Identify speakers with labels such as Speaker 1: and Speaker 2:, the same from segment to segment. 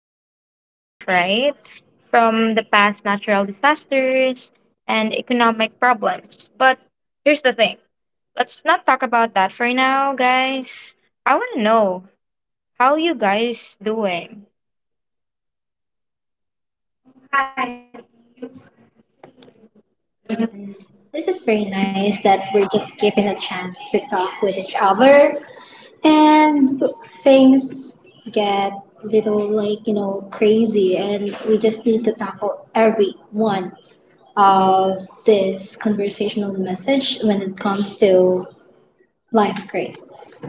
Speaker 1: was really tough, right? From the past natural disasters and economic problems. But here's the thing, let's not talk about that for now, guys. I want to know, how you guys doing?
Speaker 2: Oh, hi, AU. I'm actually, we're doing good, and this is very nice that we're just given a chance to talk with each other. And things get little, like, crazy, and we just need to tackle every one of this conversational message when it comes to life crisis.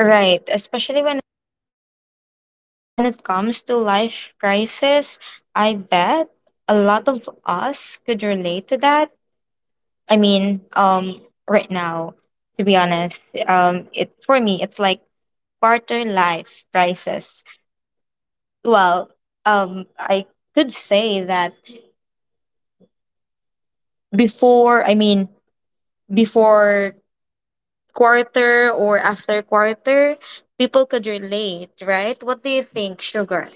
Speaker 1: Right, especially when it comes to life crisis, I bet a lot of us could relate to that. I mean, right now, to be honest, it for me it's like barter life prices. Well, I could say that before, I mean, before quarter or after quarter, people could relate, right? What do you think, Sugar?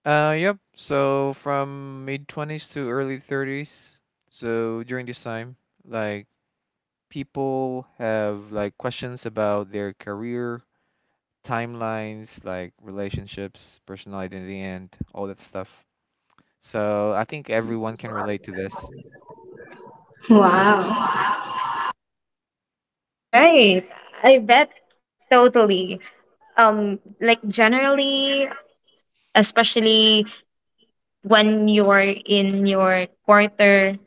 Speaker 3: Yep. So from mid 20s to early 30s, so during this time, like people have questions about their career, timelines, like relationships, personal identity, and all that stuff. So I think everyone can relate to this.
Speaker 2: Wow.
Speaker 1: Right. I bet totally. Like generally, especially when you're in your quarter.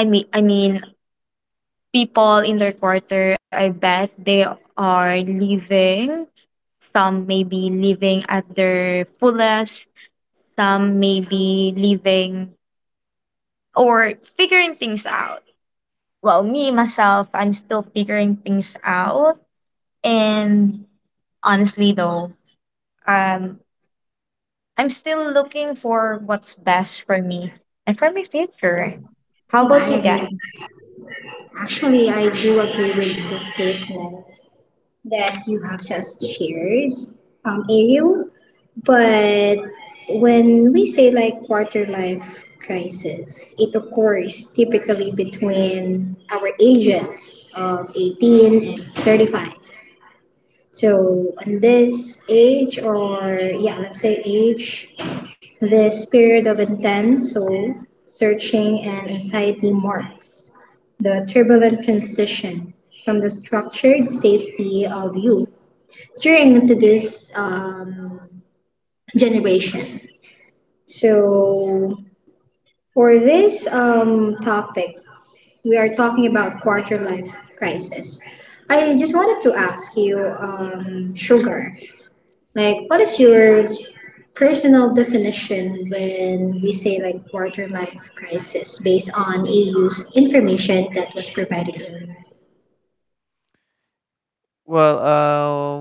Speaker 1: I mean, people in their quarter. I bet they are living. Some may be living at their fullest, some may be living or figuring things out. Well, me myself, I'm still figuring things out. And honestly though, um I'm still looking for what's best for me and for my future. How about
Speaker 2: I
Speaker 1: you
Speaker 2: agree.
Speaker 1: guys?
Speaker 2: Actually, I do agree with the statement that you have just shared, Ariel. But when we say like quarter life crisis, it occurs typically between our ages of 18 and 35. So, on this age, or yeah, let's say age, this period of intense soul searching and anxiety marks the turbulent transition from the structured safety of youth during to this generation. So for this topic, we are talking about quarter life crisis. I just wanted to ask you, Sugar. Like, what is your personal definition when we say like quarter life crisis based on EU's information that was provided earlier?
Speaker 3: Well,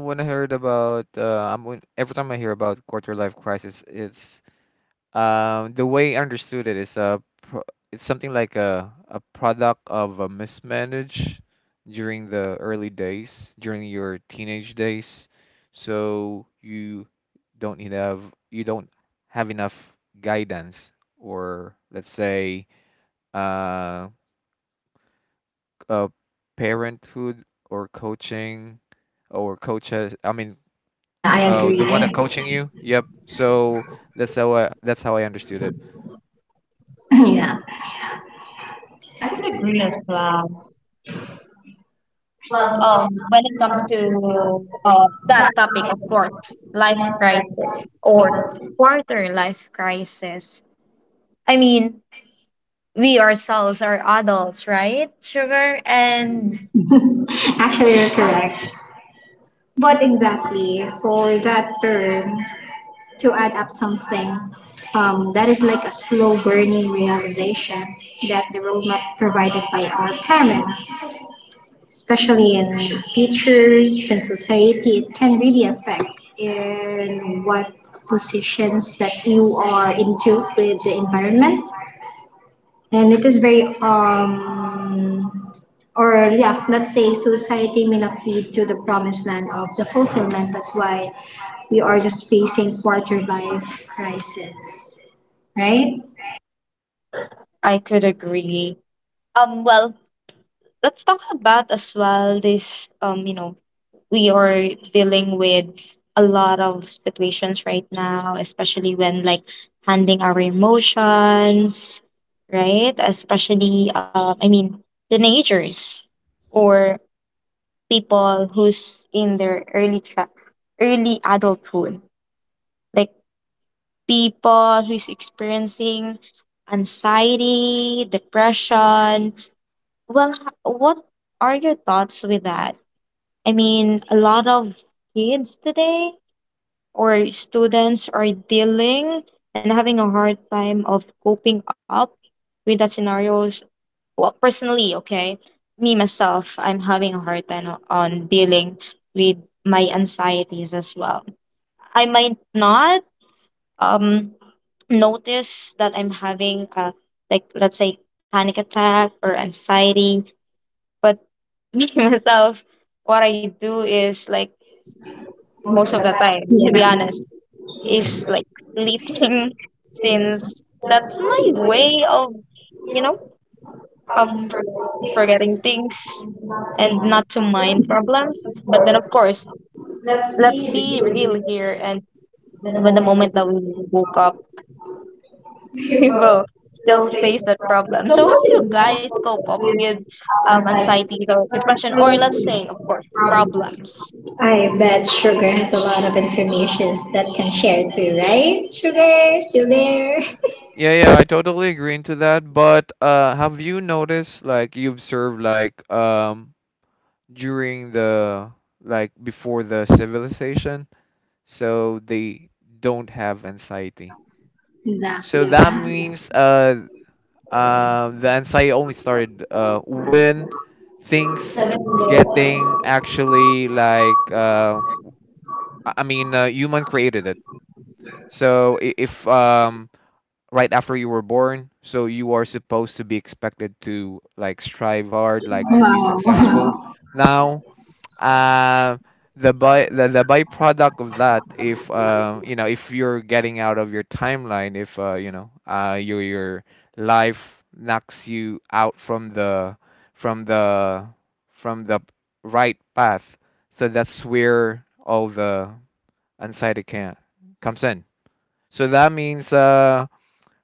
Speaker 3: uh, When I heard about, every time I hear about quarter life crisis, it's the way I understood it is a pro it's something like a product of a mismanage during the early days, during your teenage days. So you don't need have don't have enough guidance, or let's say, uh, uh parenthood or coaching or coaches. I mean,
Speaker 2: Yeah, I
Speaker 3: oh, the one that
Speaker 2: agree.
Speaker 3: coaching you. Yep. So that's how I understood it.
Speaker 2: Yeah.
Speaker 1: I could agree as well. Well, when it comes to that topic, of course, life crisis or quarter life crisis. I mean, we ourselves are adults, right? Sugar and
Speaker 2: Actually, you're correct. But exactly for that term to add up something, that is like a slow burning realization that the roadmap provided by our parents, especially in teachers and society, it can really affect in what positions that you are into with the environment, and it is very or yeah, let's say society may not lead to the promised land of the fulfillment. That's why we are just facing quarter life crisis, right?
Speaker 1: I could agree. Well, let's talk about as well this you know we are dealing with a lot of situations right now, especially when like handling our emotions, right? Especially I mean teenagers or people who's in their early adulthood, like people who's experiencing anxiety, depression. Well, what are your thoughts with that? I mean, a lot of kids today or students are dealing and having a hard time of coping up with the scenarios. Well, personally, okay, me myself, I'm having a hard time on dealing with my anxieties as well. I might not um notice that I'm having a, like, let's say, panic attack or anxiety, but me myself, what I do is like, most of the time,
Speaker 2: Yes,
Speaker 1: to be honest, is like sleeping since that's my way of, you know, of forgetting things and not to mind problems. But then, of course, let's be real here. And when the moment that we woke up, we will still face that problem. So, how do you guys cope up with anxiety or depression, or let's say, of course, problems?
Speaker 2: I bet Sugar has a lot of informations that can share too, right? Sugar, still there?
Speaker 3: Yeah, yeah, I totally agree into that. But have you noticed, like, you observed, like, during the, like, before the civilization, so they don't have anxiety. So
Speaker 2: Exactly,
Speaker 3: that
Speaker 2: yeah.
Speaker 3: means, the anxiety only started, when things getting actually like, human created it. So if right after you were born, so you are supposed to be expected to like strive hard, like to be successful
Speaker 2: Wow.
Speaker 3: now. uh, the byproduct of that, if you know, if you're getting out of your timeline, if you know, uh, your life knocks you out from the from the from the right path, so that's where all the anxiety can comes in. So that means, uh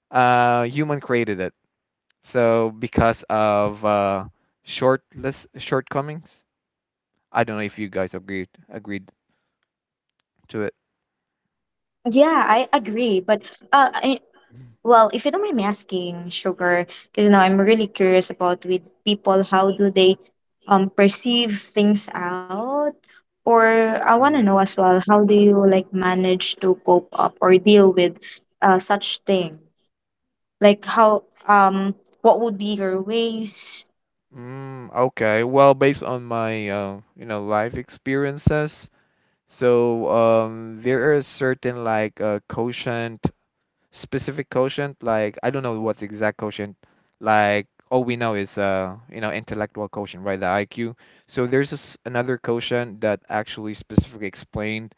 Speaker 3: uh, human created it. So because of shortless shortcomings. I don't know if you guys agreed to it.
Speaker 1: Yeah, I agree. Uh, I, Well, if you don't mind me asking, Sugar, because you know I'm really curious about with people, how do they perceive things out, or I want to know
Speaker 3: Mm.
Speaker 1: as well, how do you like manage to cope up or deal with such thing? Like, how what would be your ways?
Speaker 3: Mm, okay. Well, based on my you know, life experiences, so there is certain like quotient, specific quotient. Like I don't know what's exact quotient. Like all we know is you know intellectual quotient, right? The IQ. So there's this another quotient that actually specifically explains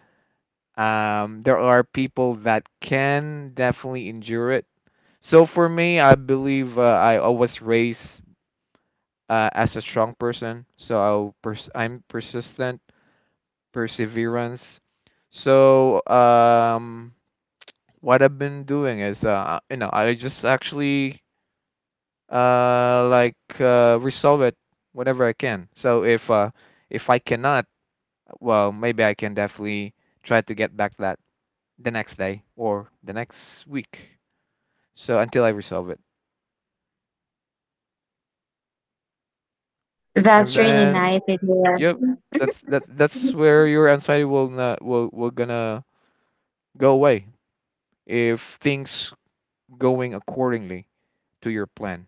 Speaker 3: There are people that can definitely endure it. So for me, I believe I was raised as a strong person. So I'm persistent, perseverance. So what I've been doing is, you know, I just actually resolve it whatever I can. So if I cannot, well, maybe I can definitely try to get back that the next day or the next week. So until I resolve it, and
Speaker 1: That's really
Speaker 3: then
Speaker 1: nice to hear.
Speaker 3: yep, that's where your anxiety will not will will gonna go away if things going accordingly to your plan.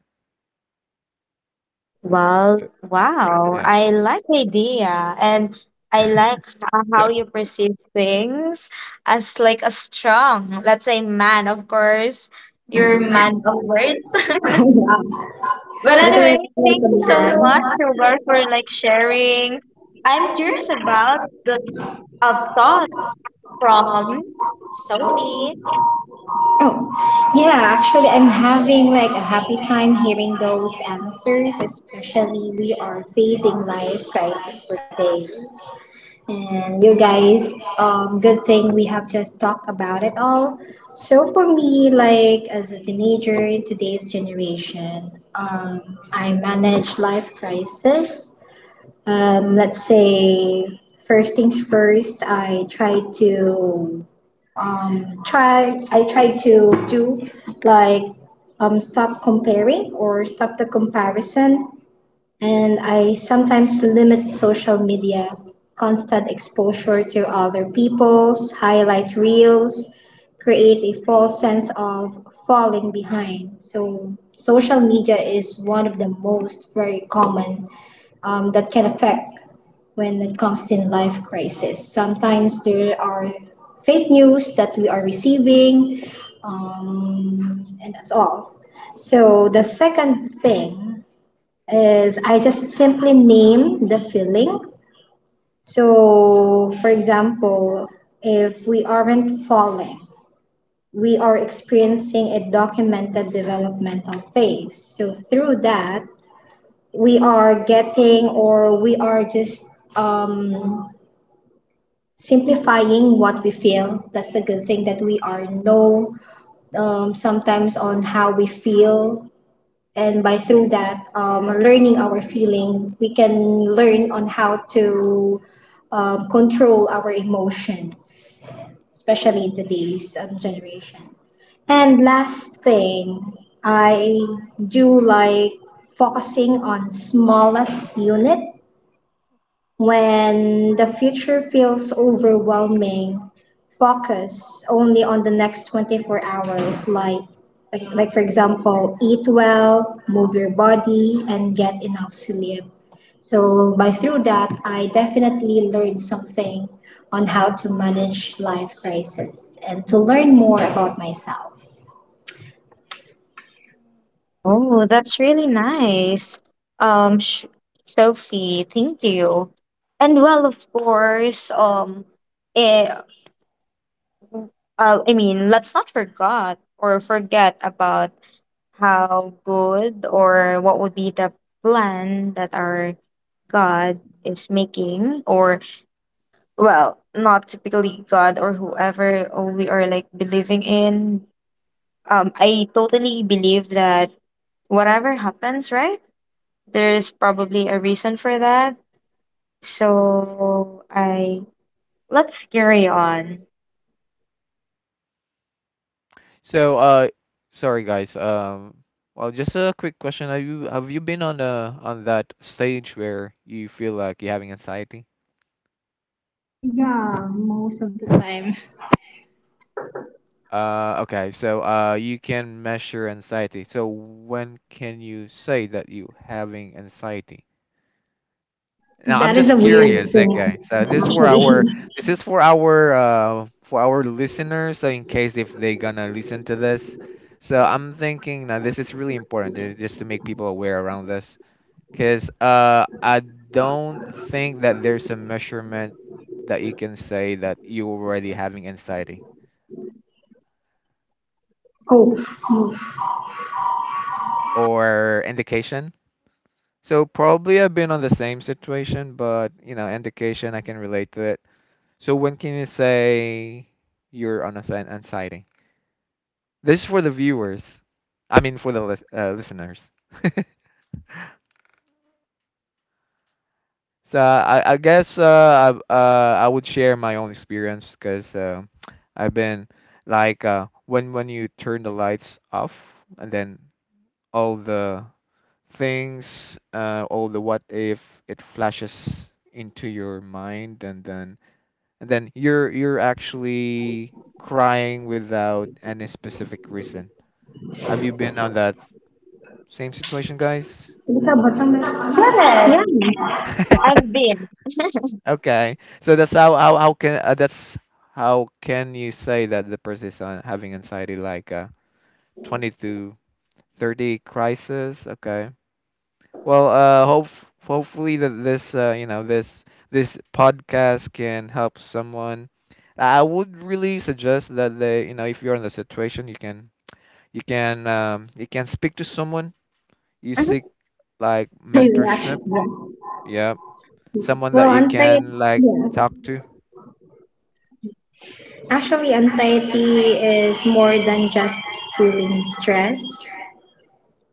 Speaker 1: Well,
Speaker 3: So,
Speaker 1: wow.
Speaker 3: yeah.
Speaker 1: I like the idea and I like how you perceive things as like a strong, let's say, man, of course. You're a
Speaker 2: Wow.
Speaker 1: man of words.
Speaker 2: Whether,
Speaker 1: But
Speaker 2: like, a thank
Speaker 1: anyway,
Speaker 2: you,
Speaker 1: thank you so
Speaker 2: man.
Speaker 1: much, Sugar, for like sharing. I'm curious about the thoughts from Sophie.
Speaker 2: Oh, yeah, actually, I'm having like a happy time hearing those answers, especially we are facing life crisis for today. And you guys, good thing we have just talked about it all. So for me, like as a teenager in today's generation, I manage life crisis. Let's say first things first, I try to do like stop comparing or stop the comparison, and I sometimes limit social media, constant exposure to other people's highlight reels, create a false sense of falling behind. So, social media is one of the most very common that can affect when it comes to life crisis. Sometimes there are fake news that we are receiving, and that's all. So the second thing is I just simply name the feeling. So, for example, if we aren't falling, we are experiencing a documented developmental phase. So, through that, we are getting or we are just um, simplifying what we feel. That's the good thing that we are know sometimes on how we feel, and by through that learning our feeling we can learn on how to control our emotions, especially in today's generation. And last thing, I do like focusing on smallest unit. When the future feels overwhelming, focus only on the next 24 hours, like, for example, eat well, move your body, and get enough sleep. So by through that, I definitely learned something on how to manage life crisis and to learn more about myself.
Speaker 1: Oh, that's really nice. Um, Sophie, thank you. And well, of course, eh, I mean, let's not forget or forget about how good or what would be the plan that our God is making, or well, not typically God or whoever we are like believing in. I totally believe that whatever happens, right? There's probably a reason for that. So I, let's carry on.
Speaker 3: So sorry guys. Well, just a quick question. Have you been on that stage where you feel like you're having anxiety? Okay. So you can measure anxiety. So when can you say that you having anxiety? Now I'm
Speaker 2: That is
Speaker 3: just
Speaker 2: a weird
Speaker 3: curious,
Speaker 2: thing,
Speaker 3: okay. So this is for our
Speaker 2: actually.
Speaker 3: this is for our listeners, so in case if they gonna listen to this. So I'm thinking now this is really important, just to make people aware around this, because I don't think that there's a measurement that you can say that you already having anxiety
Speaker 2: Oh,
Speaker 3: or indication. So probably I've been on the same situation, but you know indication I can relate to it. So when can you say you're on an anxiety? This is for the viewers. I mean, for the listeners. So I guess I would share my own experience because I've been like when you turn the lights off and then all the things, all the what if it flashes into your mind, and then you're actually crying without any specific reason. Have you been on that same situation, guys?
Speaker 2: yeah.
Speaker 3: Okay, so that's how can that's how can you say that the person is on, having anxiety like 20 to 30 crisis? Okay. Well, hopefully that this you know, this podcast can help someone. I would really suggest that they, you know, if you're in the situation, you can you can speak to someone. You seek
Speaker 1: Mhm.
Speaker 3: like
Speaker 2: Actually,
Speaker 3: mentorship.
Speaker 2: yeah.
Speaker 3: Yeah, someone that
Speaker 2: Well,
Speaker 3: you
Speaker 2: anxiety,
Speaker 3: can like
Speaker 2: yeah.
Speaker 3: talk to?
Speaker 2: Actually, anxiety is more than
Speaker 3: Mm,
Speaker 2: just feeling stress.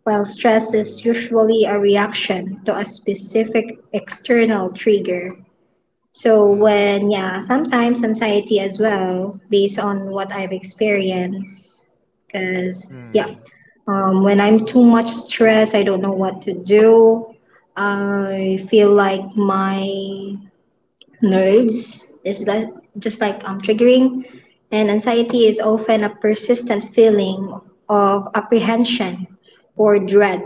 Speaker 2: Well, stress is
Speaker 3: mm,
Speaker 2: usually a reaction to a specific external trigger. So,
Speaker 3: mm,
Speaker 2: when, yeah, sometimes anxiety as well, based on what I've experienced. Because, yeah,
Speaker 3: mm.
Speaker 2: when I'm too much stressed, I don't know what to do. I feel like my nerves is like just like triggering, and anxiety is often a persistent feeling of apprehension or dread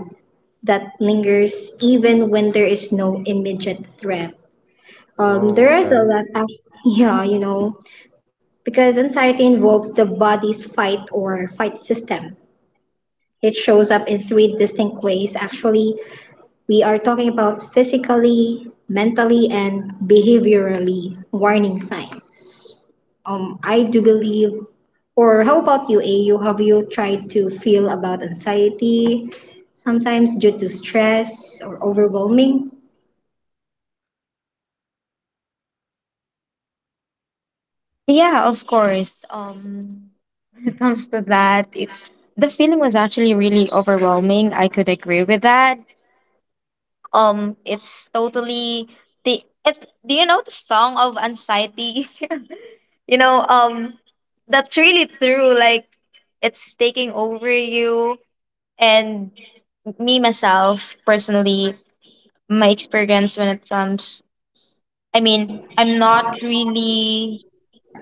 Speaker 2: that lingers even when there is no immediate threat.
Speaker 3: Oh,
Speaker 2: There is
Speaker 3: okay.
Speaker 2: a lot of, yeah, because anxiety involves the body's fight or fight system. It shows up in three distinct ways, actually we are talking about physically, mentally, and behaviorally warning signs. I do believe, or how about you, AU? Have you tried to feel about anxiety, sometimes due to stress or overwhelming?
Speaker 1: Yeah, of course. When it comes to that, it's, the feeling was actually really overwhelming. I could agree with that. It's totally the, it's, do you know the song of anxiety? You know, that's really true. Like, it's taking over you. And me myself personally, my experience when it comes, I mean, I'm not really,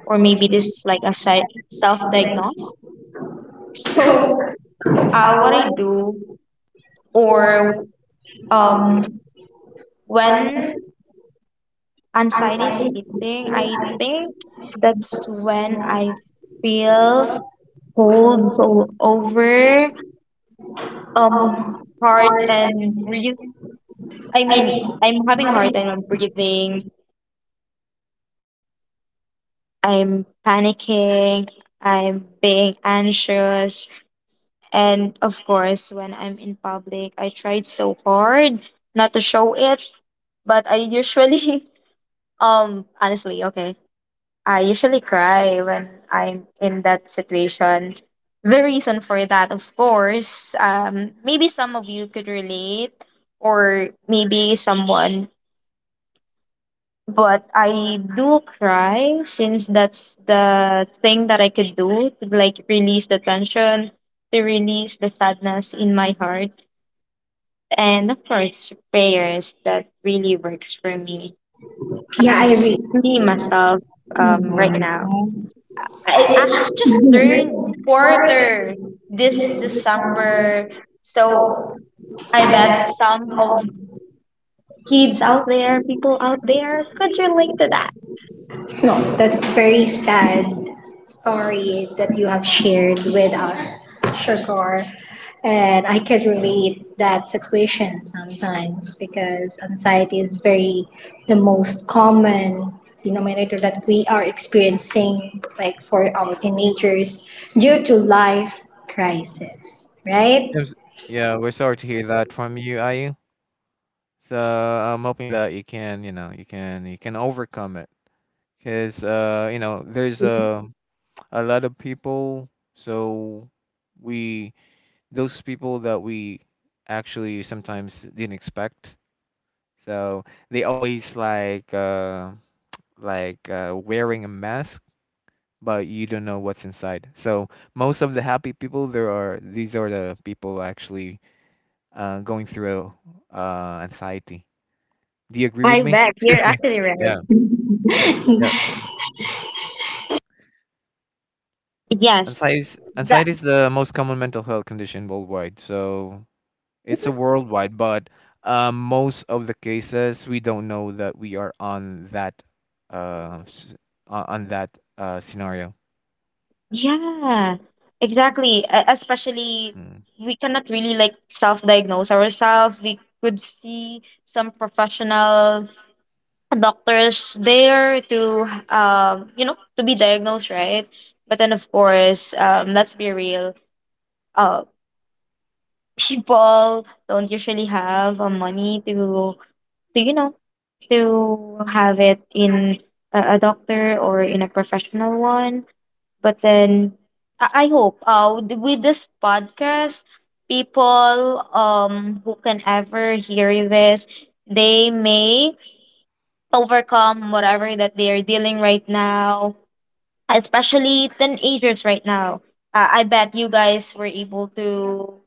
Speaker 1: or maybe this is like a self diagnose. So, what I do, or um, when anxiety is hitting. I think that's when I feel holds over um heart and breathe. I mean, I'm having heart and I'm breathing. I'm panicking. I'm being anxious. And of course, when I'm in public, I tried so hard not to show it, but I usually honestly, okay. I usually cry when I'm in that situation. The reason for that, of course, maybe some of you could relate, or maybe someone, but I do cry since that's the thing that I could do to like release the tension, to release the sadness in my heart. And of course, prayers that really works for me,
Speaker 2: Yeah,
Speaker 1: me myself, right now. I actually just turned quarter this December. So I bet some of kids out there, people out there could relate to that.
Speaker 2: No, that's very sad story that you have shared with us, Sugar. And I could relate that situation sometimes because anxiety is very the most common denominator that we are experiencing, like for our teenagers, due to life crisis, right?
Speaker 3: Yes, yeah, we're sorry to hear that from you, Ayu. So I'm hoping that you can, you know, you can overcome it. Cause you know, there's a lot of people. So we, those people that we actually sometimes didn't expect. So they always like wearing a mask, but you don't know what's inside. So most of the happy people, there are these are the people actually going through anxiety. Do you agree with
Speaker 1: I
Speaker 3: me?
Speaker 1: bet you're actually
Speaker 3: Yeah,
Speaker 1: right.
Speaker 3: yeah,
Speaker 1: Yes.
Speaker 3: anxiety,
Speaker 1: That,
Speaker 3: anxiety is the most common mental health condition worldwide. So it's a worldwide, but most of the cases we don't know that we are on that uh, s- on that scenario.
Speaker 1: yeah. Exactly. Especially,
Speaker 3: Hmm.
Speaker 1: we cannot really like self-diagnose ourselves. We could see some professional doctors there to, um, you know, to be diagnosed, right? But then, of course, um, let's be real. uh People don't usually have, money to, you know, to have it in a doctor or in a professional one. But then I hope with this podcast, people, um, who can ever hear this, they may overcome whatever that they are dealing right now, especially teenagers right now. I bet you guys were able to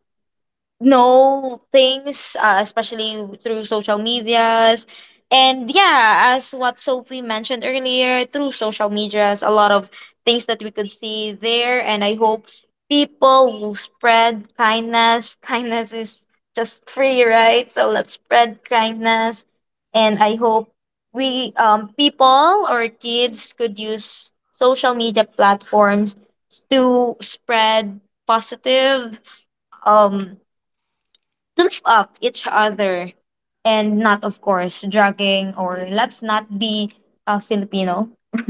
Speaker 1: know things, especially through social medias. And yeah, as what Sophie mentioned earlier, through social medias, a lot of things that we could see there. And I hope people will spread kindness. Kindness is just free, right? So let's spread kindness. And I hope we, people or kids could use social media platforms to spread positive um to lift up each other and not, of course, dragging or let's not be a Filipino.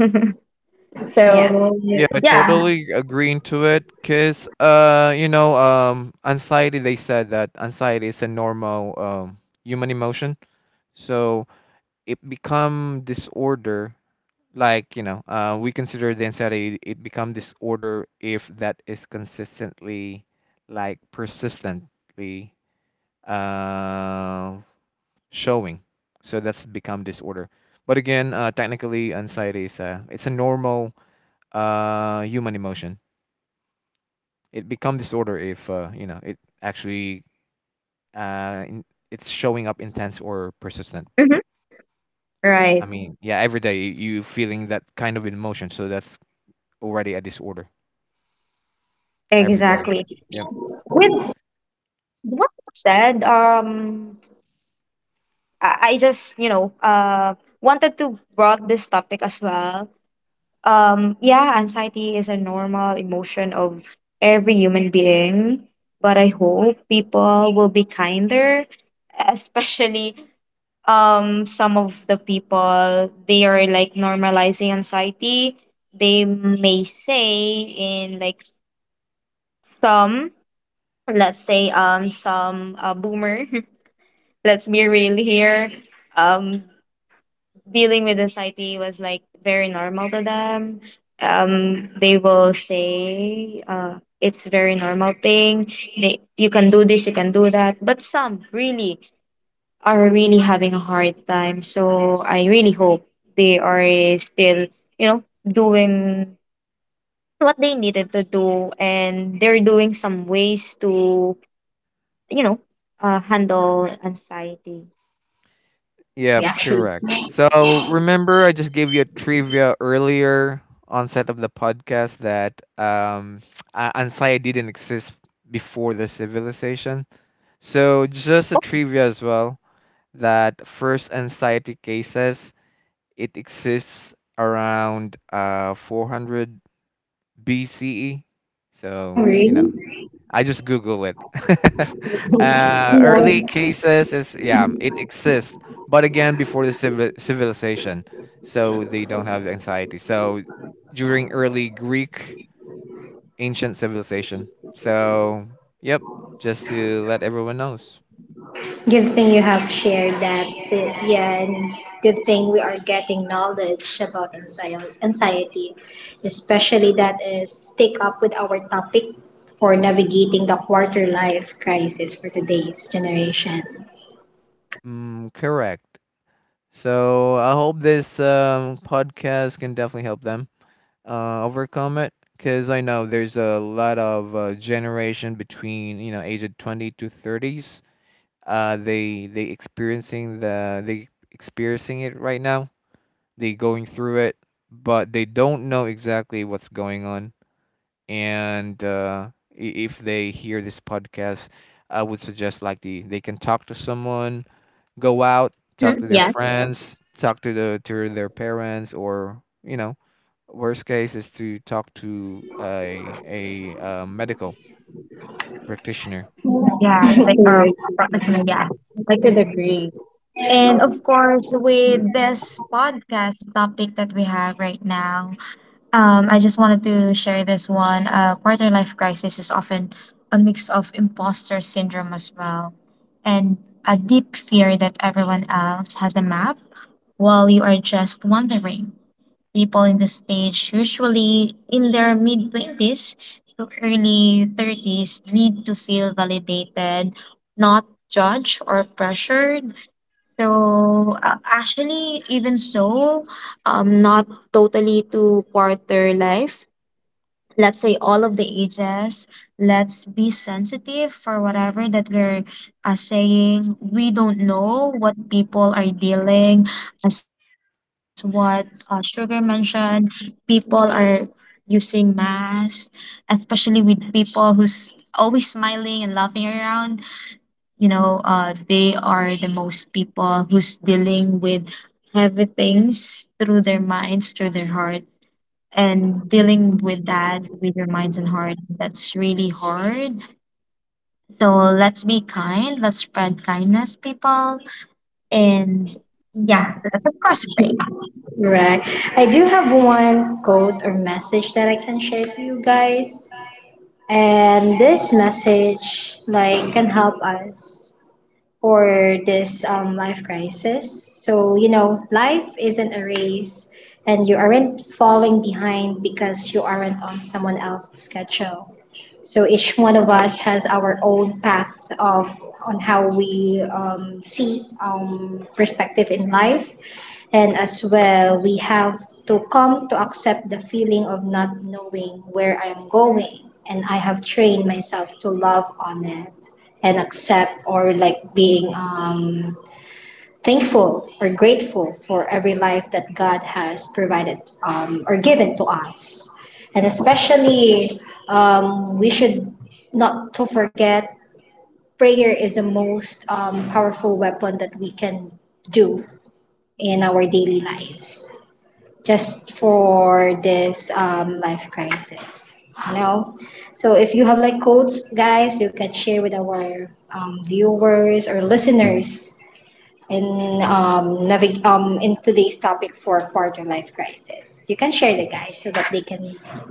Speaker 2: Yeah.
Speaker 1: So,
Speaker 3: Yeah, I
Speaker 1: yeah.
Speaker 3: totally agreeing to it, cause you know, anxiety. They said that anxiety is a normal human emotion, so it become disorder. Like you know, we consider the anxiety it become disorder if that is consistently, like persistently, uh, showing. So that's become disorder. But again, technically, anxiety is a it's a normal human emotion. It become disorder if you know, it actually uh, in, it's showing up intense or persistent.
Speaker 1: Mhm.
Speaker 3: I
Speaker 1: Right.
Speaker 3: mean, yeah, every day you feeling that kind of emotion, so that's already a disorder. Every day,
Speaker 1: Exactly.
Speaker 3: yep.
Speaker 1: With what you said, I just, you know, wanted to brought this topic as well. Yeah, anxiety is a normal emotion of every human being, but I hope people will be kinder, especially, um, some of the people, they are like normalizing anxiety. They may say in like some, let's say, um, some, boomer. Let's be real here. Um, dealing with anxiety was like very normal to them. Um, they will say, uh, it's very normal thing. They, you can do this, you can do that, but some really are really having a hard time. So I really hope they are still, you know, doing what they needed to do and they're doing some ways to, you know, handle anxiety.
Speaker 2: We
Speaker 3: Yep,
Speaker 2: actually.
Speaker 3: correct. So remember, I just gave you a trivia earlier onset of the podcast that anxiety didn't exist before the civilization. So just a trivia as well, that first anxiety cases, it exists around 400 BCE.
Speaker 2: Oh,
Speaker 3: So, you know,
Speaker 2: really?
Speaker 3: I just Google it.
Speaker 2: You
Speaker 3: Early
Speaker 2: know.
Speaker 3: cases is, yeah, it exists, but again, before the civilization. So they don't have anxiety. So during early Greek ancient civilization. So, yep, just to let everyone knows.
Speaker 2: Good thing you have shared that, yeah, and good thing we are getting knowledge about anxiety, especially that is stick up with our topic for navigating the quarter life crisis for today's generation.
Speaker 3: Mm, correct. So I hope this podcast can definitely help them overcome it. Because I know there's a lot of generation between you know age of 20 to 30s. They experiencing it right now. They going through it, but they don't know exactly what's going on. And if they hear this podcast, I would suggest like they can talk to someone, go out,
Speaker 1: Mm-hmm.
Speaker 3: talk to their
Speaker 1: Yes.
Speaker 3: friends, talk to the to their parents, or you know, worst case is to talk to a medical practitioner.
Speaker 1: Yeah, like a
Speaker 2: Towards-
Speaker 1: professional. Yeah, I could agree. And of course, with this podcast topic that we have right now, um, I just wanted to share this one. Quarter life crisis is often a mix of imposter syndrome as well, and a deep fear that everyone else has a map while you are just wandering. People in the stage, usually in their mid 20s to early 30s, need to feel validated, not judged or pressured. So, actually, even so, not totally to quarter life. Let's say all of the ages. Let's be sensitive for whatever that we're, saying. We don't know what people are dealing, as what, Sugar mentioned. People are using masks, especially with people who's always smiling and laughing around. You know, they are the most people who's dealing with heavy things through their minds, through their hearts. And dealing with that with your minds and heart, that's really hard. So let's be kind, let's spread kindness, people. And yeah, let's, of course, pray.
Speaker 2: Right. I do have one quote or message that I can share to you guys. And this message like can help us for this life crisis. So, you know, life isn't a race and you aren't falling behind because you aren't on someone else's schedule. So each one of us has our own path of on how we see perspective in life, and as well, we have to come to accept the feeling of not knowing where I'm going. And I have trained myself to love on it and accept or like being thankful or grateful for every life that God has provided or given to us. And especially, we should not to forget prayer is the most powerful weapon that we can do in our daily lives just for this life crisis. You know, so if you have like quotes, guys, you can share with our viewers or listeners in in today's topic for quarter life crisis. You can share the guys so that they can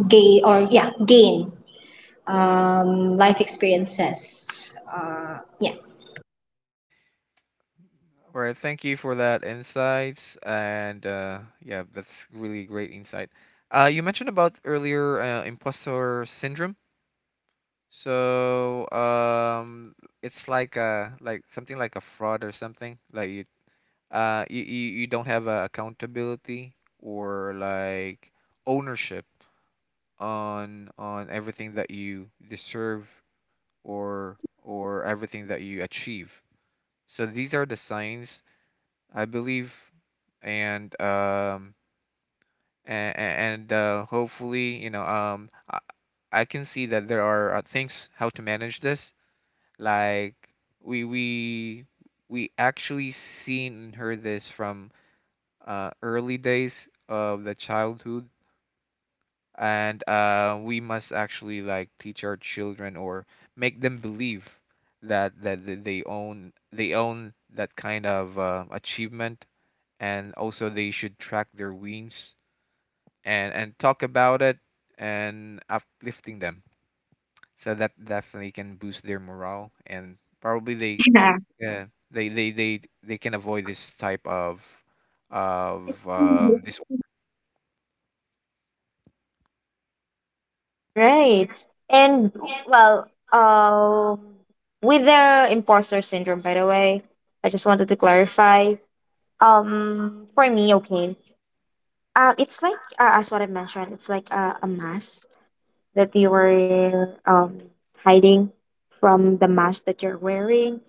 Speaker 2: gain or yeah gain life experiences. Yeah.
Speaker 3: All right. Thank you for that insights, and yeah, that's really great insight. You mentioned about earlier imposter syndrome. So
Speaker 1: Yes.
Speaker 3: it's like something like a fraud or something. Like you don't have accountability or like ownership on everything that you deserve, or everything that you achieve. So these are the signs, I believe, and hopefully, you know, I can see that there are things how to manage this. Like we we we actually seen and heard this from early days of the childhood. And we must actually like teach our children or make them believe that they own that kind of achievement. And also they should track their wins and talk about it and uplifting them, so that definitely can boost their morale. And probably they,
Speaker 1: Yeah.
Speaker 3: they can avoid this type of this.
Speaker 1: Right. And well, um, with the imposter syndrome, by the way, I just wanted to clarify. For me, okay. It's like, as what I mentioned, it's like a mask that you were hiding from the mask that you're wearing.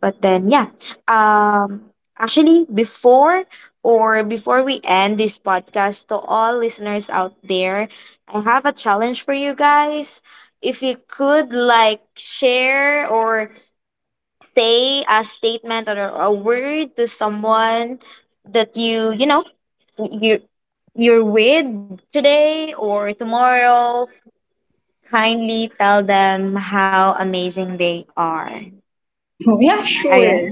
Speaker 1: But then, yeah. Um, actually, before, or before we end this podcast, to all listeners out there, I have a challenge for you guys. If you could like share or say a statement or a word to someone that you know, you you're with today or tomorrow, kindly tell them how amazing they are.
Speaker 2: Yeah,
Speaker 1: All right,
Speaker 2: sure.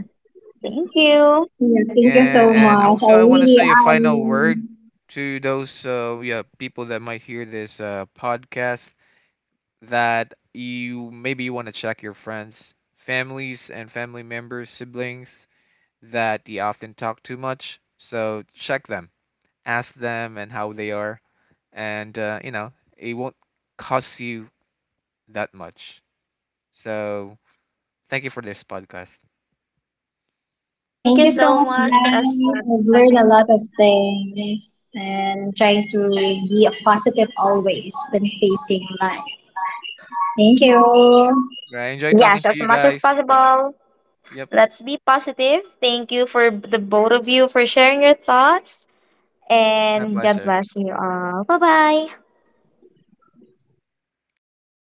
Speaker 1: thank you.
Speaker 2: Yeah, thank you so
Speaker 3: And
Speaker 2: much. I
Speaker 3: also I want to
Speaker 2: really
Speaker 3: say a final word to those yeah, people that might hear this podcast, that you maybe you want to check your friends, families, and family members, siblings that you often talk too much. So check them, ask them, and how they are, and you know, it won't cost you that much. So thank you for this podcast.
Speaker 1: Thank
Speaker 2: thank
Speaker 1: you
Speaker 2: you so
Speaker 1: so
Speaker 2: much
Speaker 1: much as
Speaker 2: guys. I've learned a
Speaker 1: well.
Speaker 2: lot of things and I'm trying to be positive always when facing life. Thank you.
Speaker 3: Right, enjoy talking
Speaker 1: Yes,
Speaker 3: to
Speaker 1: as
Speaker 3: you
Speaker 1: much as
Speaker 3: guys.
Speaker 1: possible,
Speaker 3: Yep,
Speaker 1: let's be positive. Thank you for the both of you for sharing your thoughts,
Speaker 3: my
Speaker 1: and god
Speaker 3: pleasure.
Speaker 1: bless you all. Bye bye.